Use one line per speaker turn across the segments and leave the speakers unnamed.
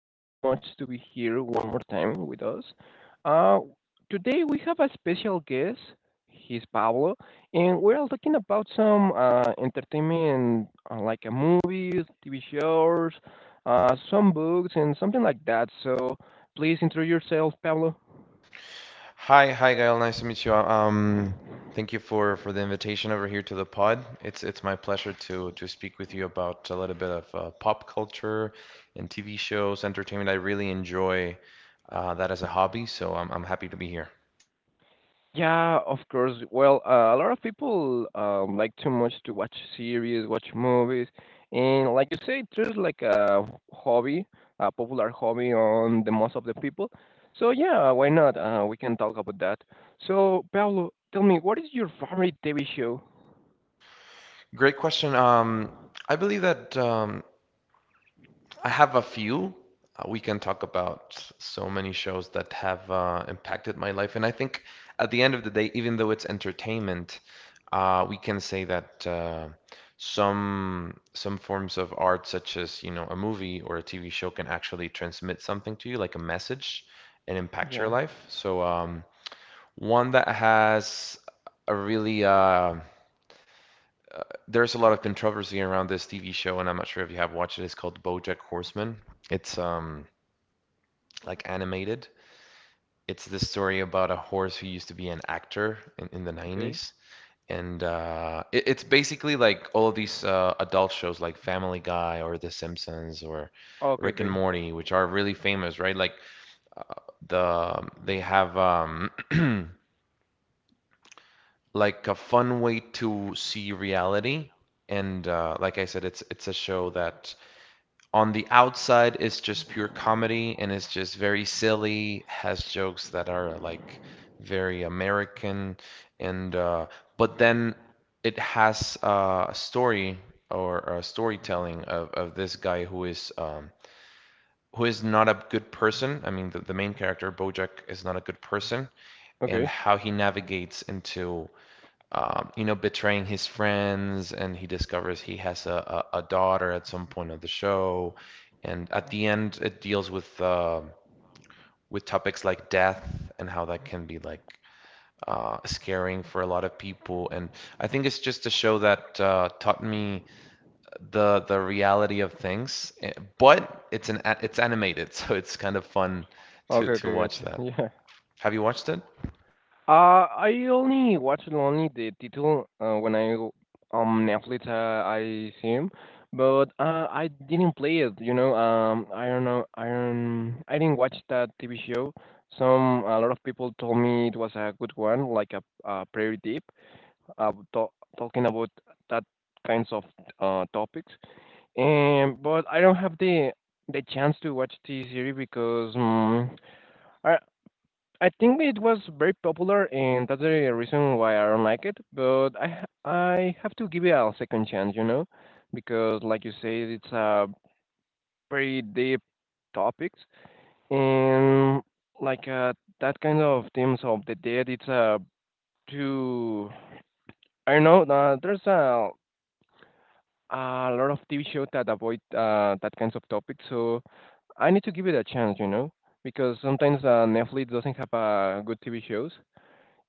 Thank you so much to be here one more time with us. Uh, Today we have a special guest. He's Pablo, and we're all talking about some entertainment, like a movies, TV shows, some books, and something like that. So please introduce yourself, Pablo.
Hi, hi, Gael. Nice to meet you. Thank you for the invitation over here to the pod. It's my pleasure to speak with you about a little bit of pop culture and TV shows, entertainment. I really enjoy that as a hobby, so I'm happy to be here.
Yeah, of course. Well, a lot of people like too much to watch series, watch movies, and like you say, there's like a hobby, a popular hobby on the most of the people. So yeah, why not? We can talk about that. So Pablo, tell me, what is your favorite TV show?
Great question. I believe that I have a few. We can talk about so many shows that have impacted my life. And I think at the end of the day, even though it's entertainment, we can say that some forms of art, such as, you know, a movie or a TV show, can actually transmit something to you, like a message, and impact your
Yeah.
life. One that has a really there's a lot of controversy around this TV show, and I'm not sure if you have watched it. It's called BoJack Horseman. It's like animated. It's this story about a horse who used to be an actor in the
Okay.
90s. And it's basically like all of these adult shows like Family Guy or The Simpsons or
Okay.
Rick and
Okay.
Morty, which are really famous, right? The they have like a fun way to see reality. And like I said, it's a show that on the outside is just pure comedy and it's just very silly, has jokes that are like very American and but then it has a story or a storytelling of this guy who is not a good person. I mean, the main character Bojack is not a good person, and
Okay.
how he navigates into you know, betraying his friends, and he discovers he has a daughter at some point of the show. And at the end, it deals with topics like death and how that can be like scaring for a lot of people. And I think it's just a show that taught me the reality of things. But it's animated, so it's kind of fun to
Okay.
to
Okay.
watch
Gotcha.
that.
Yeah.
Have you watched it?
I only watched only the title on Netflix. I see him, but I didn't play it. You know, I don't know. I don't. I didn't watch that TV show. Some a lot of people told me it was a good one, like a prairie deep, talking about that kinds of topics. And but I don't have the chance to watch the series because I I think it was very popular, and that's the reason why I don't like it. But I have to give it a second chance, you know, because like you said, it's a very deep topics, and like that kind of themes of the dead. It's a too I don't know. There's a lot of TV shows that avoid that kinds of topics, so I need to give it a chance, you know, because sometimes Netflix doesn't have good TV shows.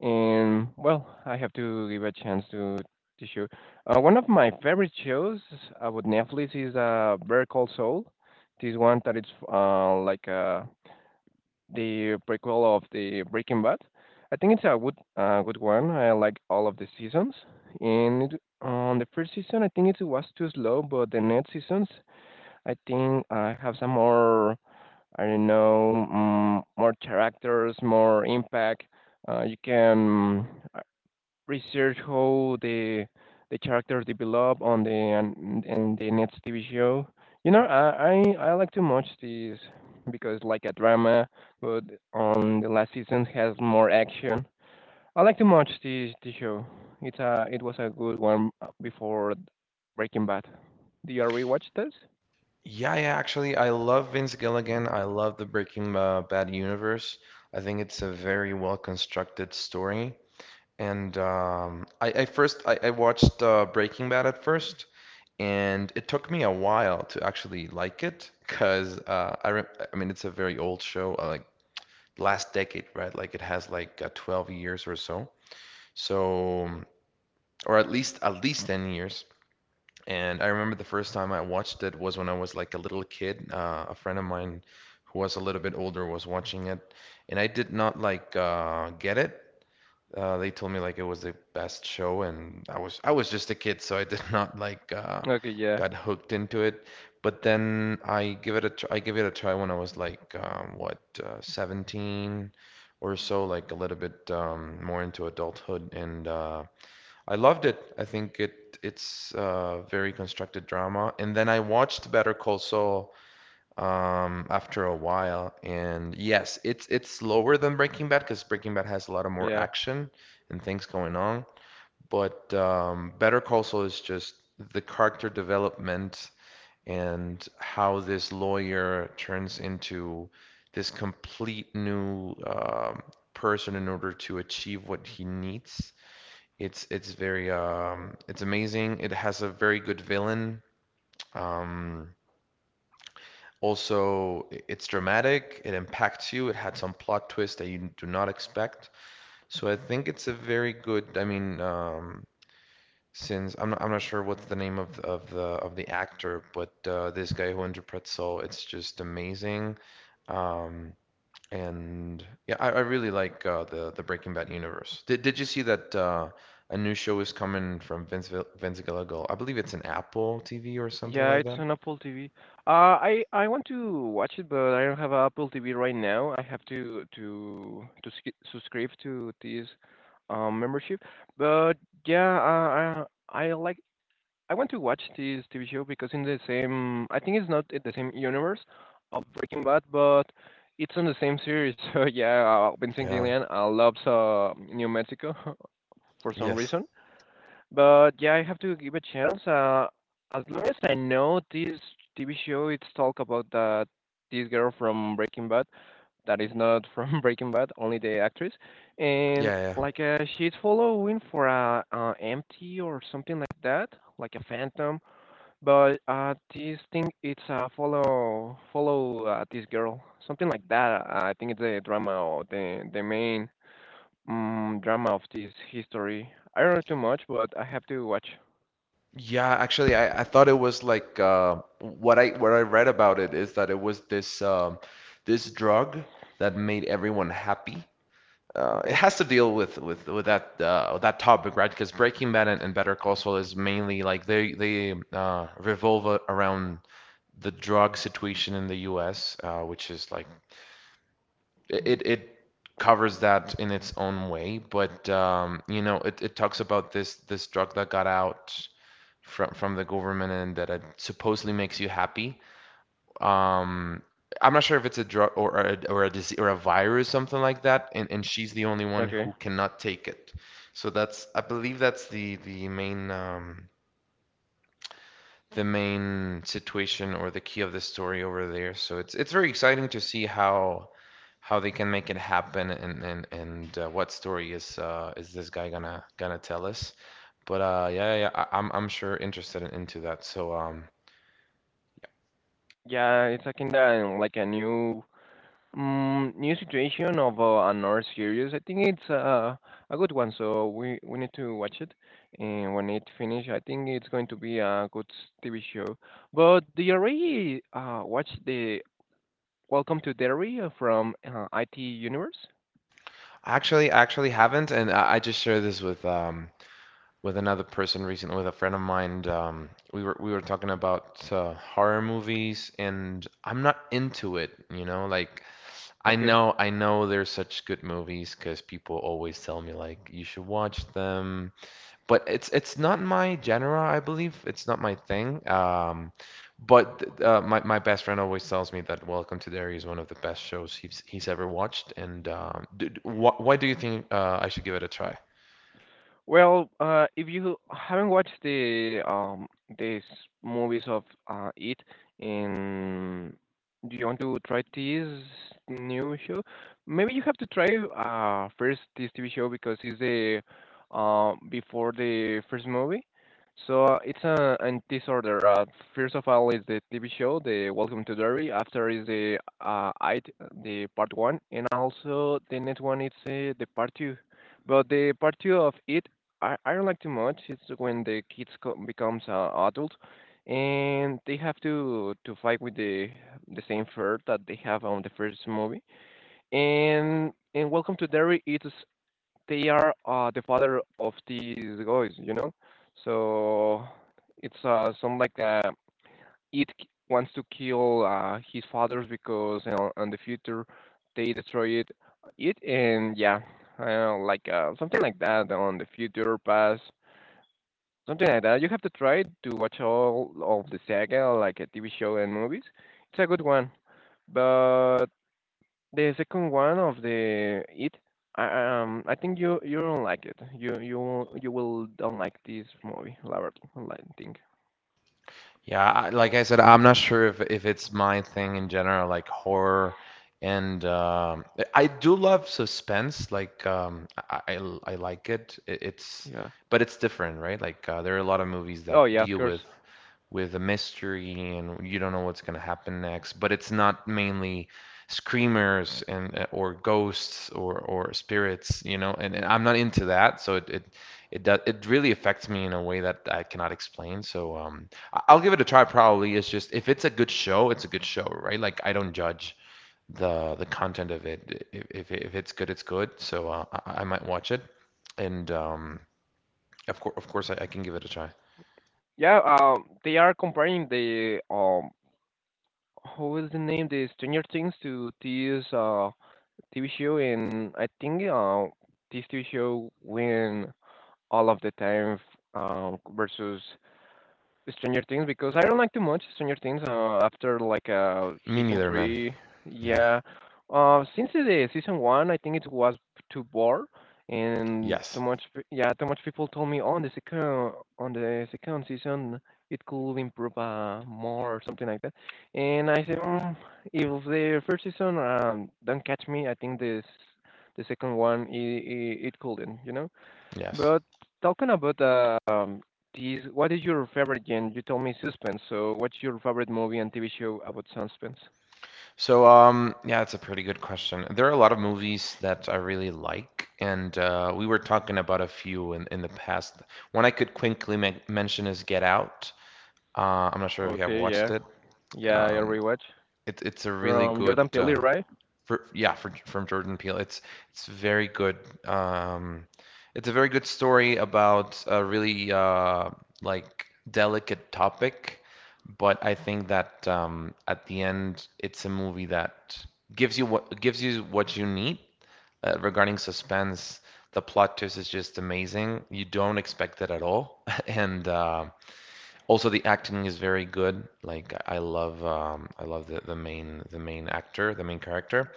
And well, I have to give a chance to show. One of my favorite shows about Netflix is Better Call Saul. This one that is uh, like uh, the prequel of the Breaking Bad. I think it's a good good one. I like all of the seasons. And it, on the first season, I think it was too slow, but the next seasons, I think I have some more. I don't know, more characters, more impact. You can research how the characters develop on the and the next TV show. You know, I like to watch this because like a drama, but on the last season has more action. I like to watch this the show. It's a it was a good one before Breaking Bad. Do you already watch this?
Yeah, yeah, actually, I love Vince Gilligan. I love the Breaking Bad universe. I think it's a very well constructed story. And I first I watched Breaking Bad at first, and it took me a while to actually like it because I mean it's a very old show, like last decade, right? Like it has like 12 years or so. So, or at least 10 years. And I remember the first time I watched it was when I was like a little kid. A friend of mine who was a little bit older was watching it, and I did not like get it. They told me like it was the best show, and I was just a kid, so I did not like
Okay, yeah,
got hooked into it. But then I give it a try when I was like what 17 or so, like a little bit more into adulthood, and I loved it. I think it it's very constructed drama. And then I watched Better Call Saul after a while, and yes, it's slower than Breaking Bad because Breaking Bad has a lot of more
yeah.
action and things going on. But Better Call Saul is just the character development and how this lawyer turns into this complete new person in order to achieve what he needs. It's amazing. It has a very good villain. Um also, it's dramatic, it impacts you, it had some plot twist that you do not expect. So I think it's a very good, I mean, since I'm not sure what's the name of the actor, but this guy who interprets Saul, it's just amazing. Um And yeah, I really like the Breaking Bad universe. Did you see that a new show is coming from Vince Gilligan? I believe it's an Apple TV or something
Yeah,
like
it's
that.
on Apple TV. I want to watch it, but I don't have Apple TV right now. I have to subscribe to this membership. But yeah, I like I want to watch this TV show because in the same I think it's not in the same universe of Breaking Bad, but it's on the same series. So yeah, Vincent
Yeah.
Gillian loves New Mexico for some
Yes.
reason. But yeah, I have to give a chance. As long as I know this TV show, it's talk about that this girl from Breaking Bad that is not from Breaking Bad, only the actress, and
Yeah, yeah.
like she's following for a empty or something like that, like a phantom. But this thing, it's follow this girl, something like that. I think it's the drama or the main drama of this history. I don't know too much, but I have to watch.
Yeah, actually I thought it was like what I read about it is that it was this this drug that made everyone happy it
Okay.
has to deal with with that that topic, right? Because Breaking Bad and Better Call Saul is mainly like they revolve around the drug situation in the U.S., which is like it covers that in its own way, but you know it, it talks about this drug that got out from the government and that it supposedly makes you happy um I'm not sure if it's a drug or a disease or a virus, something like that, and she's the only one
Okay.
who cannot take it. So that's I believe that's the main situation or the key of the story over there. So it's very exciting to see how they can make it happen and what story is this guy gonna tell us. But yeah, yeah, I'm sure interested into that.
Yeah, it's a kind of like a new new situation of another series. I think it's a good one, so we need to watch it. And when it finish, I think it's going to be a good TV show. But do you already watch the Welcome to Derry from IT Universe?
Actually, I actually haven't, and I just shared this with another person recently, with a friend of mine. We were talking about horror movies, and I'm not into it. You know, like I
Okay.
know I know they're such good movies because people always tell me like you should watch them, but it's not my genre. I believe it's not my thing. But my my best friend always tells me that Welcome to Derry is one of the best shows he's ever watched. And d d- wh why do you think I should give it a try?
Well, if you haven't watched the these movies of it, and do you want to try this new show? Maybe you have to try first this TV show because it's the before the first movie. So it's in this order. First of all is the TV show, the Welcome to Derry. After is the it the part one, and also the next one is the part two. But the part two of it I don't like too much. It's when the becomes adult, and they have to fight with the same fur that they have on the first movie. And Welcome to Derry, it's they are the father of these guys, you know. So it's some it wants to kill his fathers because you know, in the future they destroy it it and yeah. I like something like that on the future past. Something like that. You have to try to watch all of the saga, like a TV show and movies. It's a good one. But the second one of the it, I think you you don't like it. You will don't like this movie, Robert. I think.
Yeah, I, like I said, I'm not sure if it's my thing in general, like horror, and I do love suspense. Like I like it. It's
Yeah.
but it's different, right? Like there are a lot of movies
Oh
that
yeah, of
deal
course.
with a mystery and you don't know what's going to happen next. But it's not mainly screamers and or ghosts or spirits, you know. And I'm not into that, so it does it really affects me in a way that I cannot explain. So I will give it a try. Probably it's just if it's a good show, it's a good show, right? Like I don't judge the content of it. If it's good, it's good. So I might watch it, and of course, I can give it a try.
Yeah. They are comparing the who is the name? The Stranger Things to this TV show, and I think this TV show when all of the time versus Stranger Things because I don't like too much Stranger Things after like
Me
season
neither, man.
three.
Yeah.
Yeah, since the season one, I think it was too bored and too
Yes.
much. Yeah, too much people told me on the second season it could improve more or something like that. And I said, if the first season don't catch me, I think this the second one it, it, it couldn't, you know.
Yes.
But talking about these, what is your favorite genre? You told me suspense. So, what's your favorite movie and TV show about suspense?
Yeah, it's a pretty good question. There are a lot of movies that I really like, and we were talking about a few in the past. One I could quickly mention is Get Out. I'm not sure if you have
Okay,
watched
yeah,
it.
yeah, I
Um,
already watch
It's a really
from
good
Jordan Peele, right?
from Jordan Peele. It's very good. Um, it's a very good story about a really like delicate topic, but I think that at the end it's a movie that gives you what you need regarding suspense. The plot twist is just amazing. You don't expect it at all, and also, the acting is very good. Like I love the main actor, the main character.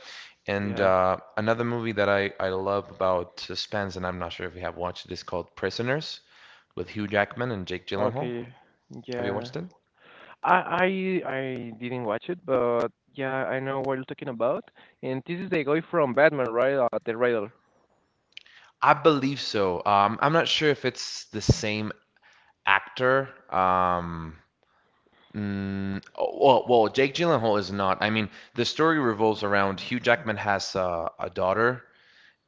And
Yeah.
another movie that I love about suspense, and I'm not sure if you have watched it, is called Prisoners with Hugh Jackman and Jake Gyllenhaal.
Okay.
Have you
Yeah.
watched it?
I I didn't watch it, but yeah, I know what you're talking about. And this is the guy from Batman, right? The Riddler.
I believe so. I'm not sure if it's the same actor. Oh, well, Jake Gyllenhaal is not. I mean, the story revolves around Hugh Jackman has a daughter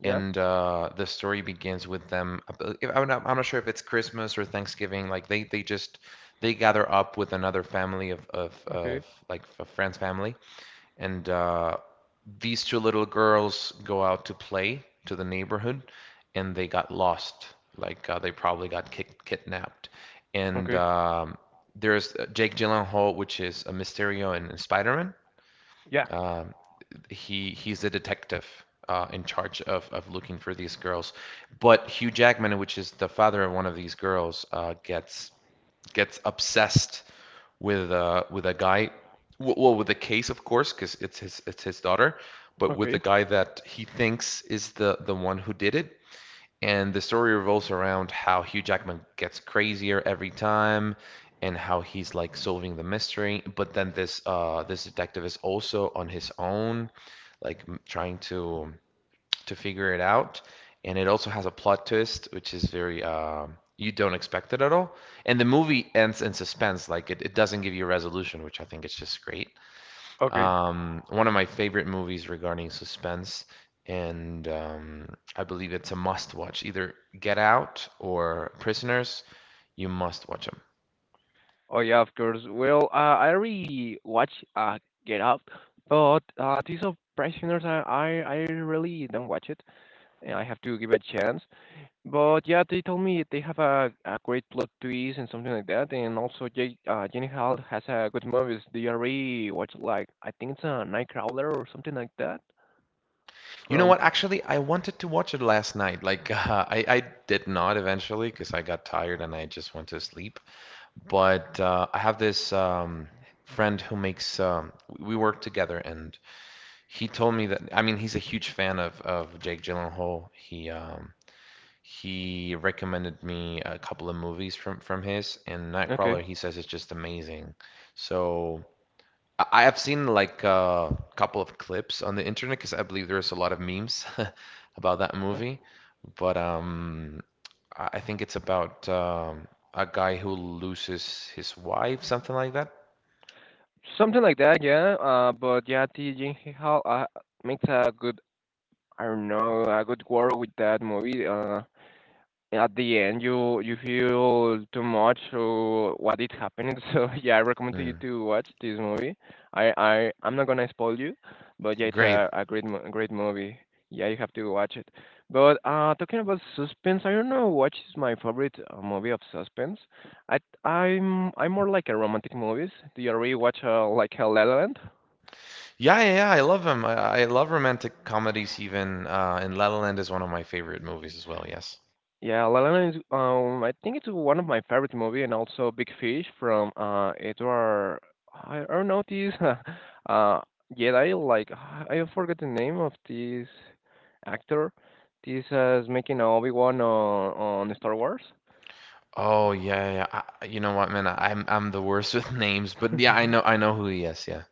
Yeah.
and the story begins with them. I'm not sure if it's Christmas or Thanksgiving. Like they gather up with another family
Okay.
of like a friend's family, and these two little girls go out to play to the neighborhood, and they got lost. Like they probably got kidnapped, and
Okay.
there's Jake Gyllenhaal, which is a Mysterio and Spider-Man.
Yeah.
Um, he he's a detective in charge of looking for these girls. But Hugh Jackman, which is the father of one of these girls, gets obsessed with a guy, well, with the case, of course, because it's his daughter, but with the
Okay.
guy that he thinks is the one who did it, and the story revolves around how Hugh Jackman gets crazier every time and how he's like solving the mystery. But then this detective is also on his own, like trying to figure it out. And it also has a plot twist, which is very you don't expect it at all. And the movie ends in suspense, like it doesn't give you a resolution, which I think is just great
Okay.
um, One of my favorite movies regarding suspense, and I believe it's a must-watch. Either Get Out or Prisoners, you must watch them.
Oh yeah, of course. Well, I already watched Get Out, but These Are Prisoners, I really don't watch it, and I have to give it a chance. But yeah, they told me they have a great plot twist and something like that, and also J Jenny Hall has a good movies. They already watched like I think it's a Nightcrawler or something like that
You know
from.
what?
th-
Actually, I wanted to watch it last night. Like, I did not eventually because I got tired and I just went to sleep. But I have this friend who makes, we work together, and he told me that, I mean, he's a huge fan of Jake Gyllenhaal. He recommended me a couple of movies from his, and
Okay,
Nightcrawler, he says it's just amazing. So I have seen like a couple of clips on the internet because I believe there's a lot of memes about that
uh,
movie. But I think it's about a guy who loses his wife, something like that.
something like that. Yeah. But yeah, T. Jenny Hall makes a good I don't know, a good work with that movie. At the end you you feel too much or what is happening so yeah I recommend to you
Mm,
to watch this movie I'm not gonna spoil you but yeah it's
great.
a great movie, yeah you have to watch it. But talking about suspense, I don't know what is my favorite movie of suspense. i I'm more like a romantic movies. Do you already watch like a La Land?
Yeah, yeah, yeah. I love him. I love romantic comedies even. And La La Land is one of my favorite movies as well. Yes.
Yeah, La La Land is, I think it's one of my favorite movie, and also Big Fish from Edward. I don't know this. uh, Jedi, like I forget the name of this actor. This is making Obi Wan on Star Wars.
Oh yeah, yeah. You know what, man? I'm the worst with names, but yeah, I know I know who he is. Yeah.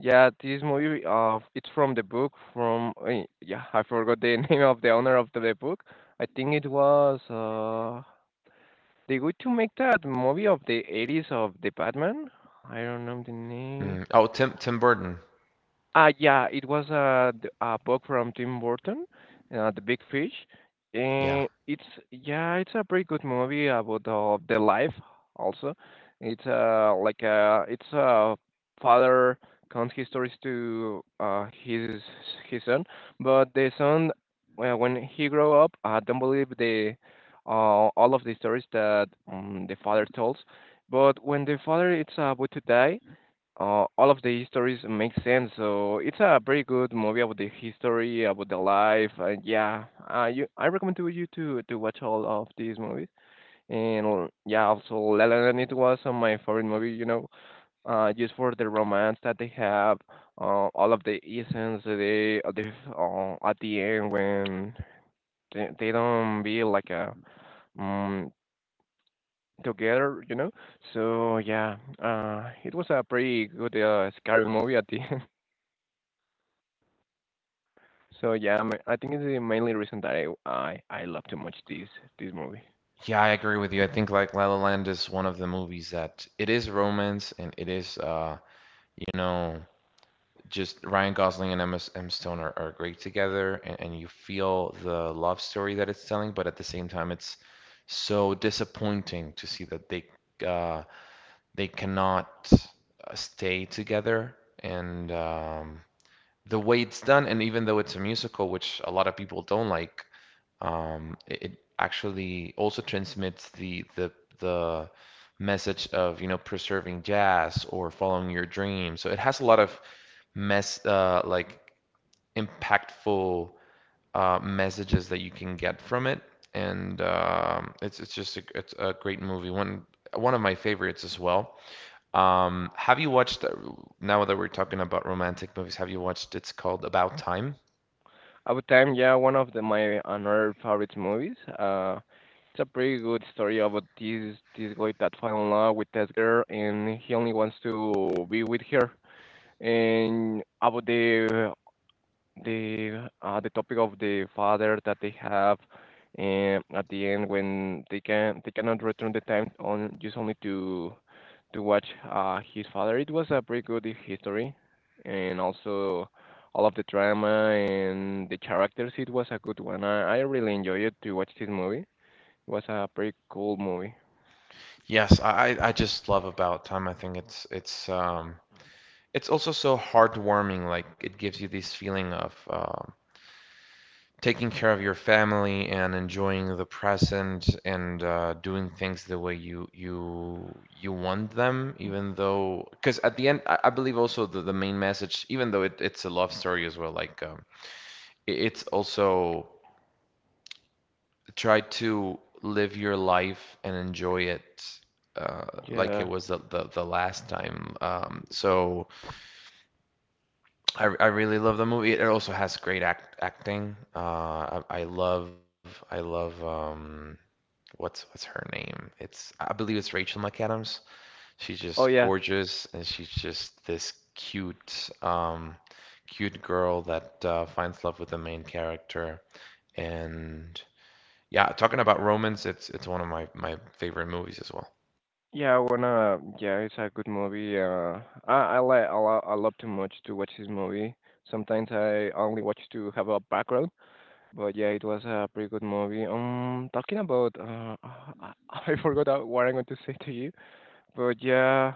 Yeah, this movie. It's from the book from. Yeah, I forgot the name of the owner of the book. I think it was. They going to make that movie of the 80s of the Batman? I don't know the name.
Mm. Oh, Tim Burton.
Yeah, it was a, a book from Tim Burton, The Big Fish.
Yeah.
And it's, yeah, it's a pretty good movie about the life also. It's it's a father counts his stories to his son, but the son, well, when he grow up, don't believe the all of the stories that the father tells. But when the father is about to die, all of the histories make sense. So it's a very good movie about the history, about the life, and yeah, you, I recommend to you to watch all of these movies. And yeah, also La La Land it was my favorite movie. You know, just for the romance that they have, all of the essence they at the end when they don't be like a um, together, you know. So yeah, it was a pretty good scary movie at the end. I think it's the mainly reason that I love too much this movie.
Yeah, I agree with you. I think like La La Land is one of the movies that it is romance and it is you know just Ryan Gosling and Emma Stone are great together and you feel the love story that it's telling, but at the same time it's so disappointing to see that uh they cannot stay together and the way it's done, and even though it's a musical, which a lot of people don't like, um, it, actually also transmits the message of preserving jazz or following your dream. So it has a lot of mess like impactful messages that you can get from it, and it's a great movie. One of my favorites as well. Have you watched, now that we're talking about romantic movies, have you watched, it's called About Time?
About time, yeah, one of the my another favorite movies. It's a pretty good story about this guy that fell in love with this girl and he only wants to be with her. And about the topic of the father that they have, and at the end when they cannot return the time on just only to watch his father. It was a pretty good history, and also all of the drama and the characters. It was a good one. I really enjoyed it to watch this movie. It was a pretty cool movie.
Yes, I just love About Time. I think it's also so heartwarming. Like it gives you this feeling of taking care of your family and enjoying the present and doing things the way you want them, even though because at the end I believe also the main message, even though it's a love story as well, like it's also try to live your life and enjoy it like it
Yeah.
was the last time. So I really love the movie. It also has great acting. I love I love what's her name? It's I believe it's Rachel McAdams. She's just
Oh yeah.
gorgeous and she's just this cute girl that finds love with the main character and yeah, talking about Romans, it's one of my favorite movies as well.
Yeah, I wanna yeah, it's a good movie. I like I love too much to watch this movie. Sometimes I only watch to have a background, but yeah, it was a pretty good movie. Talking about I forgot what I'm going to say to you, but yeah,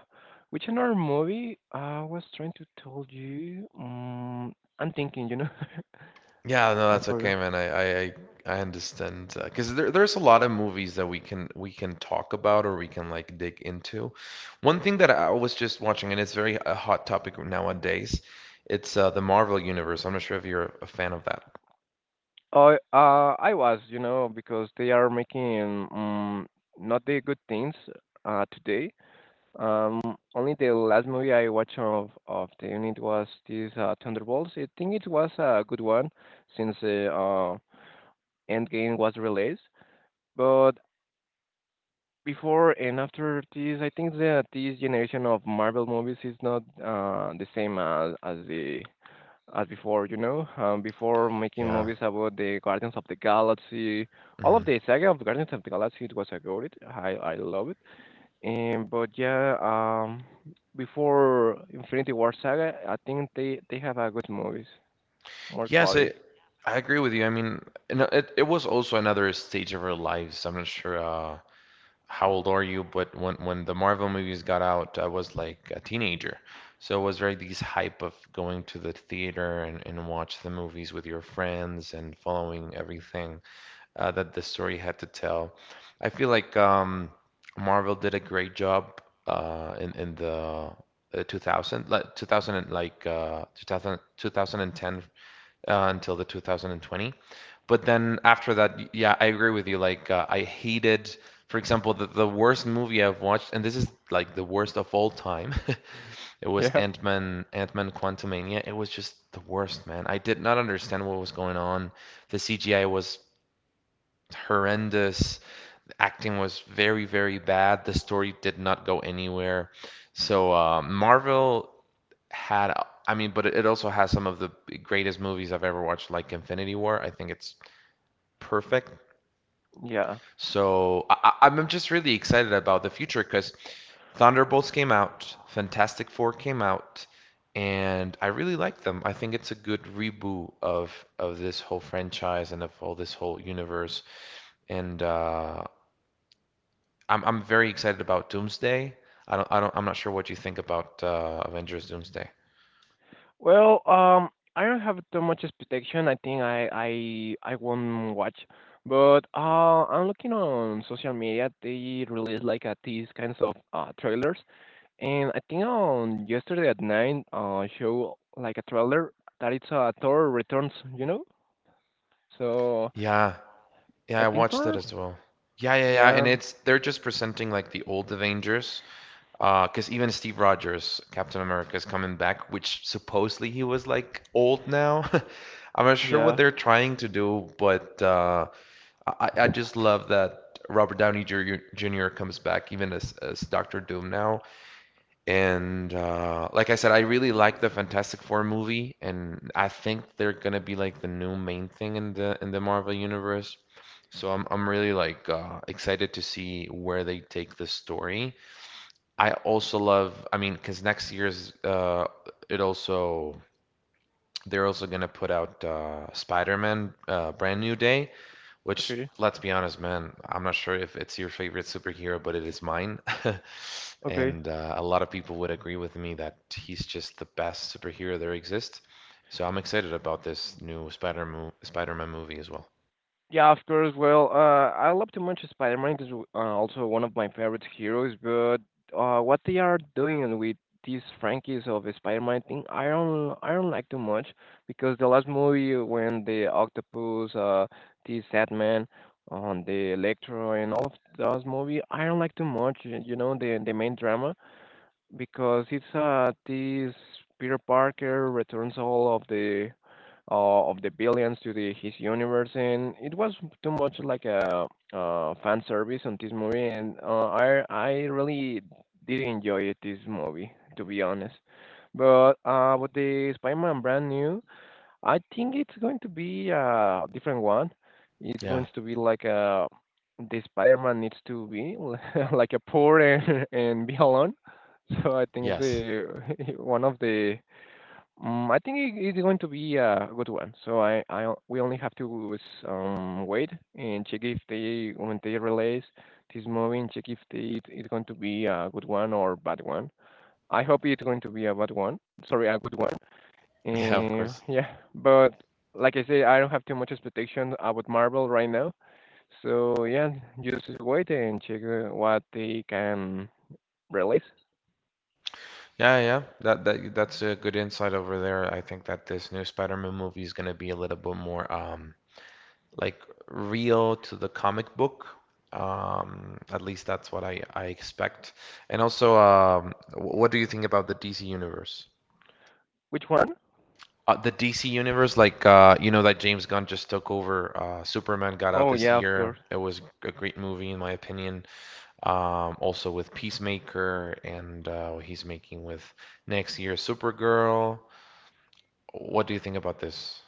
which another movie I was trying to tell you. I'm thinking, you know,
Yeah, no,
I
that's okay,
forgot.
man. I understand. 'Cause because there there's a lot of movies that we can talk about or we can like dig into. One thing that I was just watching, and it's very a hot topic nowadays, it's the Marvel Universe. I'm not sure if you're a fan of that.
Oh, I was, you know, because they are making not the good things today. Um, only the last movie I watched of the unit was this Thunderbolts. I think it was a good one since the Endgame was released. But before and after this, I think that this generation of Marvel movies is not the same as the as before. You know, before making
Yeah.
movies about the Guardians of the Galaxy, all of
Hmm.
the saga of the Guardians of the Galaxy, it was a good. I love it, and but yeah, before Infinity War Saga, I think they have a good movies, more
Yes, I
quality.
I agree with you. I mean, and it was also another stage of our lives. I'm not sure. How old are you? But when the Marvel movies got out, I was like a teenager. So it was very these hype of going to the theater and watch the movies with your friends and following everything that the story had to tell. I feel like Marvel did a great job in the 2000 like 2000 and like 2000, until the 2020. But then after that, yeah, I agree with you. Like I hated, for example, the worst movie I've watched, and this is like the worst of all time. It was
Yeah,
Ant-Man, Ant-Man Quantumania. It was just the worst, man. I did not understand what was going on. The CGI was horrendous, acting was very, very bad. The story did not go anywhere. So Marvel had, I mean, but it also has some of the greatest movies I've ever watched, like Infinity War. I think it's perfect.
yeah.
So I- am just really excited about the future because Thunderbolts came out, Fantastic Four came out, and I really like them. I think it's a good reboot of this whole franchise and of all this whole universe. And I'm very excited about Doomsday. I'm not sure what you think about Avengers Doomsday.
Well, I don't have too much expectation. I think I won't watch, but I'm looking on social media. They release like these kinds of trailers, and I think on yesterday at nine, show like a trailer that it's Thor returns. You know, so
Yeah,
I
yeah, I
think
watched it
Thor.
as well. Yeah, yeah, yeah, and
Yeah,
it's they're just presenting like the old Avengers, because even Steve Rogers, Captain America, is coming back, which supposedly he was like old now. I'm not sure what
yeah.
they're trying to do, but I just love that Robert Downey Jr. Comes back even as Doctor Doom now. And like I said, I really like the Fantastic Four movie, and I think they're gonna be like the new main thing in the Marvel universe. So I'm really like excited to see where they take the story. I also love, I mean, because next year's it also they're also gonna put out Spider-Man Brand New Day, which,
Okay.
let's be honest, man, I'm not sure if it's your favorite superhero, but it is mine.
Okay.
And a lot of people would agree with me that he's just the best superhero there exists. So I'm excited about this new Spider-Man movie as well.
Yeah, of course. Well, I love to mention Spider-Man is also one of my favorite heroes, but what they are doing with these franchises of the Spider-Man thing, I don't like too much because the last movie when the Octopus, the Sandman, on the Electro and all of those movie, I don't like too much. You know the main drama. Because it's this Peter Parker returns all of the billions to the his universe, and it was too much like a fan service on this movie, and I really did enjoy it, this movie, to be honest. But with the Spider-Man brand new, I think it's going to be a different one. It's
Yeah.
going to be like a the Spider-Man needs to be like a poor and, and be alone. So I think it's
Yes.
a, one of the. I think it's going to be a good one. So we only have to wait and check if they release this movie and check if they it's going to be a good one or bad one. I hope it's going to be a bad one. Sorry, a good one.
Yeah, of course.
Yeah, but like I say, I don't have too much expectation about Marvel right now. So yeah, just wait and check what they can release.
Yeah, yeah, that's a good insight over there. I think that this new Spider-Man movie is going to be a little bit more like real to the comic book. At least that's what I expect. And also, what do you think about the DC universe?
Which one?
The DC universe, like you know that James Gunn just took over. Superman got out
Oh
this
yeah, of course.
year. It was a great movie in my opinion. Also with Peacemaker and what he's making with next year Supergirl. What do you think about this?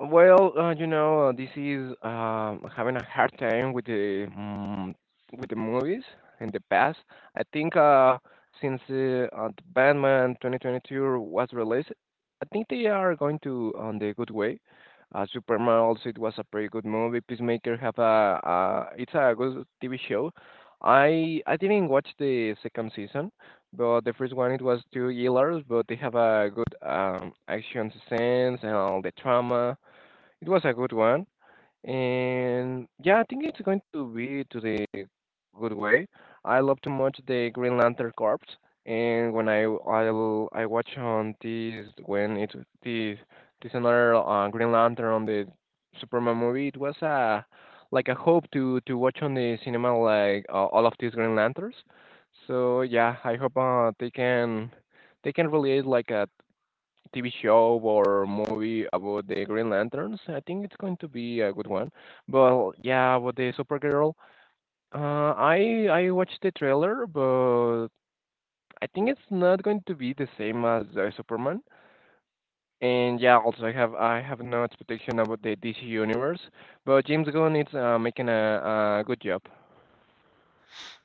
Well, you know, this is having a hard time with the with the movies in the past. I think since the Batman 2022 was released, I think they are going to on the good way. Superman also it was a pretty good movie. Peacemaker have a it's a good TV show. I didn't watch the second season, but the first one it was too years, but they have a good action scenes and all the trauma, it was a good one. And yeah, I think it's going to be to the good way. I love too much the Green Lantern Corps. And when I watch on this when it this this another Green Lantern on the Superman movie, it was a like a hope to watch on the cinema like all of these Green Lanterns. So yeah, I hope they can relate like a. TV show or movie about the Green Lanterns. I think it's going to be a good one. But yeah, about the Supergirl, I watched the trailer, but I think it's not going to be the same as Superman. And yeah, also I have no expectation about the DC universe, but James Gunn is making a good job.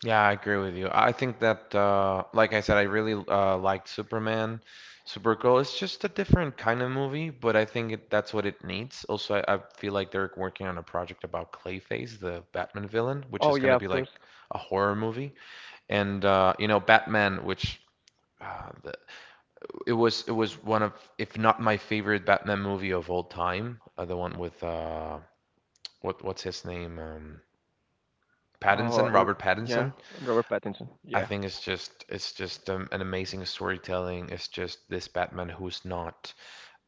Yeah, I agree with you. I think that, like I said, I really liked Superman, Supergirl. It's just a different kind of movie, but I think it, that's what it needs. Also, I feel like they're working on a project about Clayface, the Batman villain, which
Oh
is going
yeah,
to
of
be like
course.
a horror movie. And you know, Batman, which uh, the, it was one of, if not my favorite Batman movie of all time, the one with uh, what's his name,
Uh,
Pattinson,
R-
Robert
yeah,
Pattinson.
Robert Pattinson.
I
Yeah.
think it's just an amazing storytelling. It's just this Batman who's not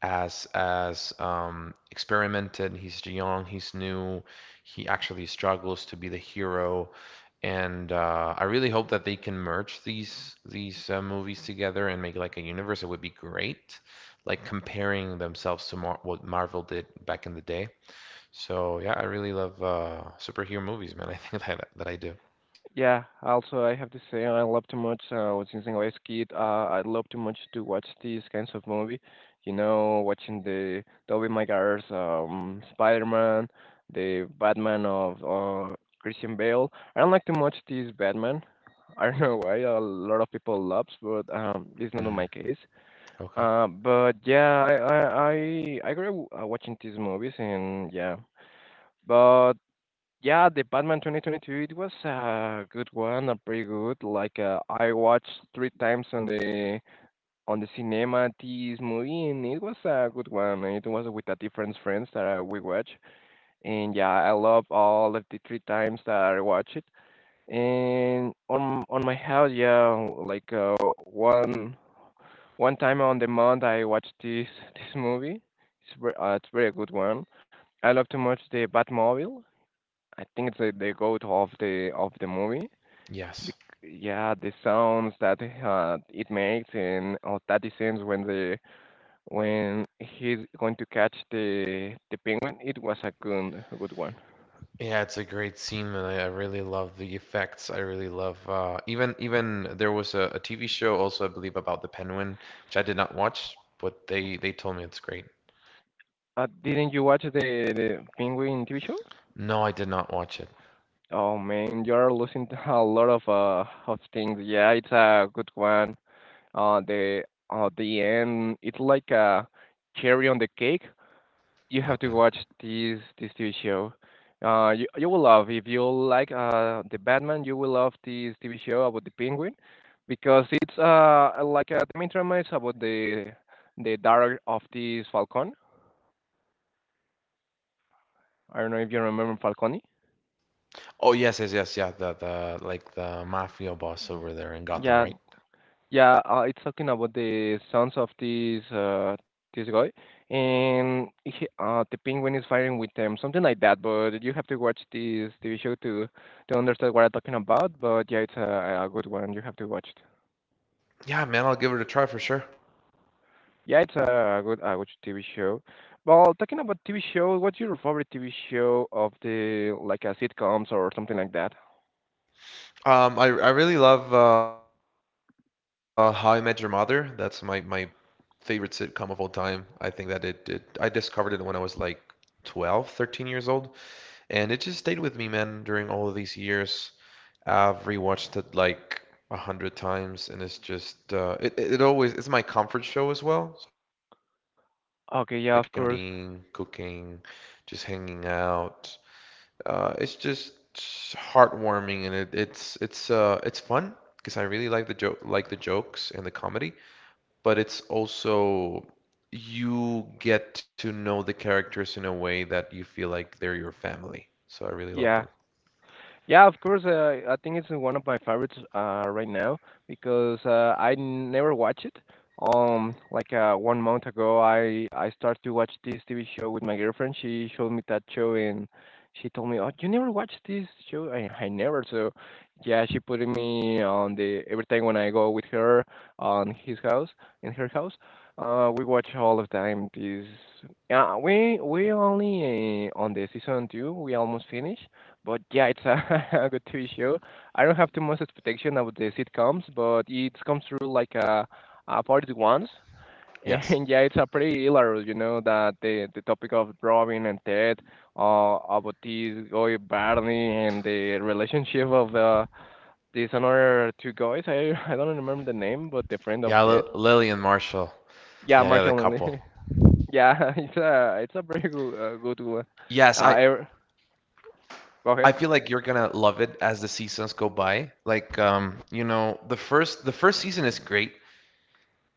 as experimented. He's young. He's new. He actually struggles to be the hero, and I really hope that they can merge these movies together and make like a universe. It would be great, like comparing themselves to Mar what Marvel did back in the day. So yeah, I really love superhero movies, man. I think that I do.
Yeah, also I have to say I love too much since I was kid, I love too much to watch these kinds of movie. You know, watching the Tobey Maguire's Spider-Man, the Batman of Christian Bale. I don't like too much this Batman. I don't know why a lot of people loves, but it's not on
Mm,
my case.
okay.
But yeah, I grew up watching these movies and yeah. but. Yeah, the Batman 2022, it was a good one, a pretty good. Like I watched three times on the cinema this movie, and it was a good one. It was with a different friends that we watch, and yeah, I love all of the three times that I watch it. And on my house, yeah, like one one time on the month I watched this this movie. It's it's very good one. I love too much the Batmobile. I think it's a, the goat of the movie.
Yes.
Bec- yeah, the sounds that it makes and all that the scenes when the when he's going to catch the penguin. It was a good one.
Yeah, it's a great scene, and I really love the effects. I really love even there was a TV show also, I believe, about the penguin, which I did not watch, but they told me it's great.
Didn't you watch the penguin TV show?
No, I did not watch it.
Oh man, you're losing a lot of of things. Yeah, it's a good one. Uh, the the end. It's like a cherry on the cake. You have to
Okay.
watch this TV show. You will love, if you like the Batman, you will love this TV show about the Penguin, because it's like the main drama is about the daughter of this Falcon. I don't know if you remember Falcone.
Oh yes, yes, yes, yeah. The Like the mafia boss over there in Gotham,
Yeah,
right?
yeah, it's talking about the sons of this this guy, and he, the penguin is fighting with them, something like that. But you have to watch this TV show to understand what I'm talking about. But yeah, it's a good one. You have to watch it.
Yeah, man, I'll give it a try for sure.
Yeah, it's a good TV show. Well, talking about TV show, what's your favorite TV show of the like sitcoms or something like that?
I really love How I Met Your Mother. That's my favorite sitcom of all time. I think that it I discovered it when I was like 12, 13 years old. And it just stayed with me, man, during all of these years. I've rewatched it like 100 times, and it's just it always it's my comfort show as well. So I can
Okay, yeah, of course.
eating, cooking, just hanging out. It's just heartwarming, and it, it's fun because I really like the jokes and the comedy, but it's also you get to know the characters in a way that you feel like they're your family. So I really love them.
Yeah, yeah, of course. I think it's one of my favorites right now because I never watch it. Like one month ago, I started to watch this TV show with my girlfriend. She showed me that show and she told me, "Oh, you never watched this show?" I never. So yeah, she put me on the every time when I go with her on his house in her house. We watch all the time. This yeah, we only on the season two. We almost finished, but yeah, it's a, a good TV show. I don't have too much expectation about the sitcoms, but it comes through like a party once.
Yes.
And yeah, it's a pretty hilarious, you know, that the topic of Robin and Ted, about this guy Barney and the relationship of these another two guys. I I don't remember the name, but the friend of
Yeah,
Ted.
Lily and Marshall.
Yeah,
Yeah, yeah, the
Marshall and
couple.
Lee. Yeah, it's a very
Yes,
good,
I
good one. Uh, I,
I feel like you're
go
gonna
ahead.
love it as the seasons go by. Like, you know, the first season is great.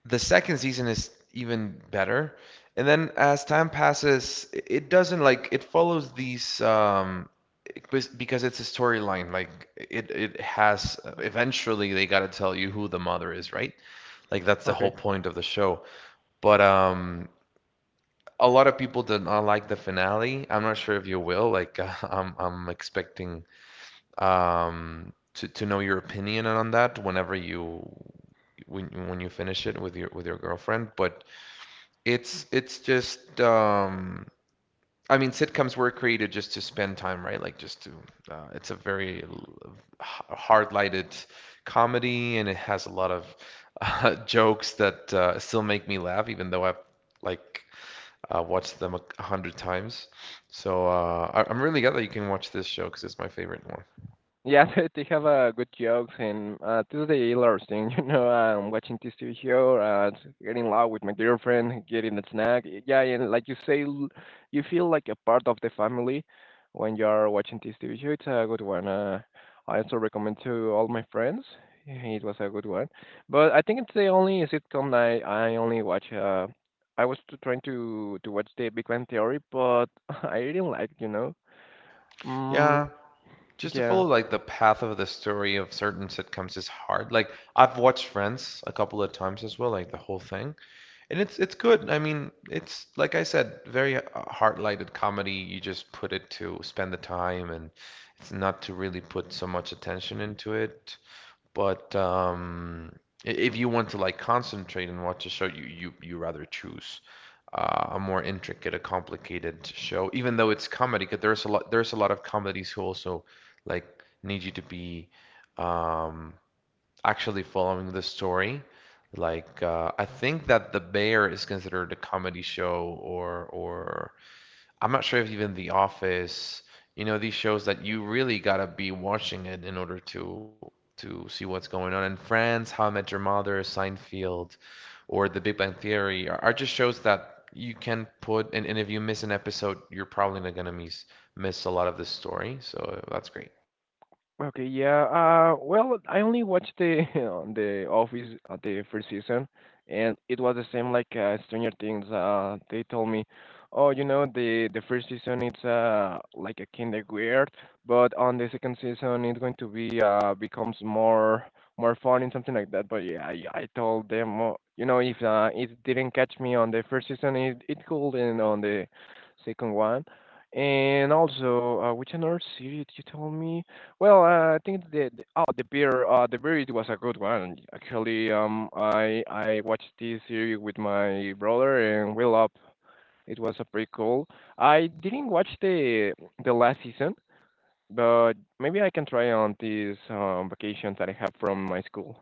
The second season is even better. And then as time passes, it doesn't like it follows these because it's a storyline. Like it has eventually they gotta tell you who the mother is, right? Like that's the whole
Okay.
point of the show. But a lot of people did not like the finale. I'm not sure if you will. Like, I'm expecting to know your opinion on that whenever you when you finish it with your girlfriend. But it's just I mean sitcoms were created just to spend time, right? Like just to it's a very hard-lighted comedy and it has a lot of jokes that still make me laugh even though I've like watched them 100 times. So I'm really glad that you can watch this show because it's my favorite one.
Yeah, they have good jokes, and this is the hilarious thing, you know. I'm watching this TV show, getting loud with my girlfriend, getting a snack. Yeah, and like you say, you feel like a part of the family when you're watching this TV show. It's a good one. I also recommend to all my friends. It was a good one, but I think it's the only sitcom I only watch. I was trying to watch the Big Bang Theory, but I didn't like, you know. Mm,
Yeah, just to follow
yeah.
like the path of the story of certain sitcoms is hard. Like I've watched Friends a couple of times as well, like the whole thing, and it's good. I mean, it's like I said, very heart-lighted comedy. You just put it to spend the time, and it's not to really put so much attention into it. But if you want to like concentrate and watch a show, you rather choose a more intricate, a complicated show, even though it's comedy. Because there's a lot of comedies who also like need you to be um, actually following the story. Like I think that The Bear is considered a comedy show, or I'm not sure if even The Office, you know, these shows that you really gotta be watching it in order to see what's going on. And Friends, How I Met Your Mother, Seinfeld, or The Big Bang Theory are just shows that you can put and if you miss an episode, you're probably not gonna miss a lot of the story. So that's great.
Okay, yeah. Well, I only watched the on the Office at the first season, and it was the same like Stranger Things. They told me, oh, you know, the first season it's like a kind of weird, but on the second season it's going to be becomes more fun and something like that. But yeah, I told them, oh, you know, if it didn't catch me on the first season, it could and on the second one, and also which another series you told me. Well, I think the- oh the beer it was a good one actually. I watched this series with my brother and we loved it was a pretty cool. I didn't watch the last season, but maybe I can try on this vacation that I have from my school.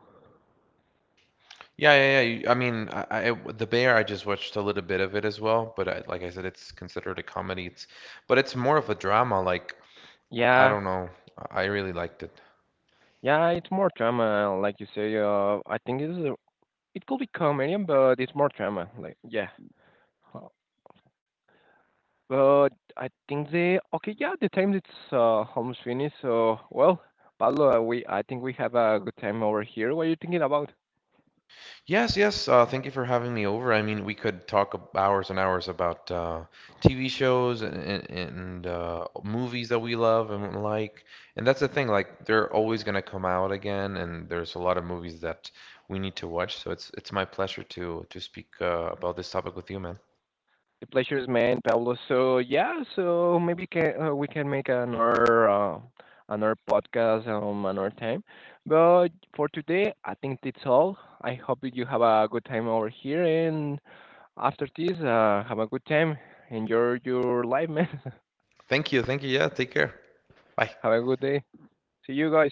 Yeah, yeah, yeah. I mean, I The Bear, I just watched a little bit of it as well, but I, like I said, it's considered a comedy. It's but it's more of a drama. Like I
Yeah,
don't know, I really liked it.
yeah, it's more drama, like you say. I think it's a, it could be comedian, but it's more drama. Like yeah. But I think the okay, yeah, the time it's almost finished. So well, Pablo, we I think we have a good time over here. What are you thinking about?
Yes, yes. Thank you for having me over. I mean, we could hours and hours about TV shows and movies that we love and like. And that's the thing, like they're always gonna come out again, and there's a lot of movies that we need to watch. So it's my pleasure to speak about this topic with you, man.
The pleasure is mine, Pablo. So yeah, so maybe can we can make another another podcast another time. But for today, I think that's all. I hope that you have a good time over here, and after this, have a good time. Enjoy your life, man.
Thank you, thank you. Yeah, take care. Bye.
Have a good day. See you guys.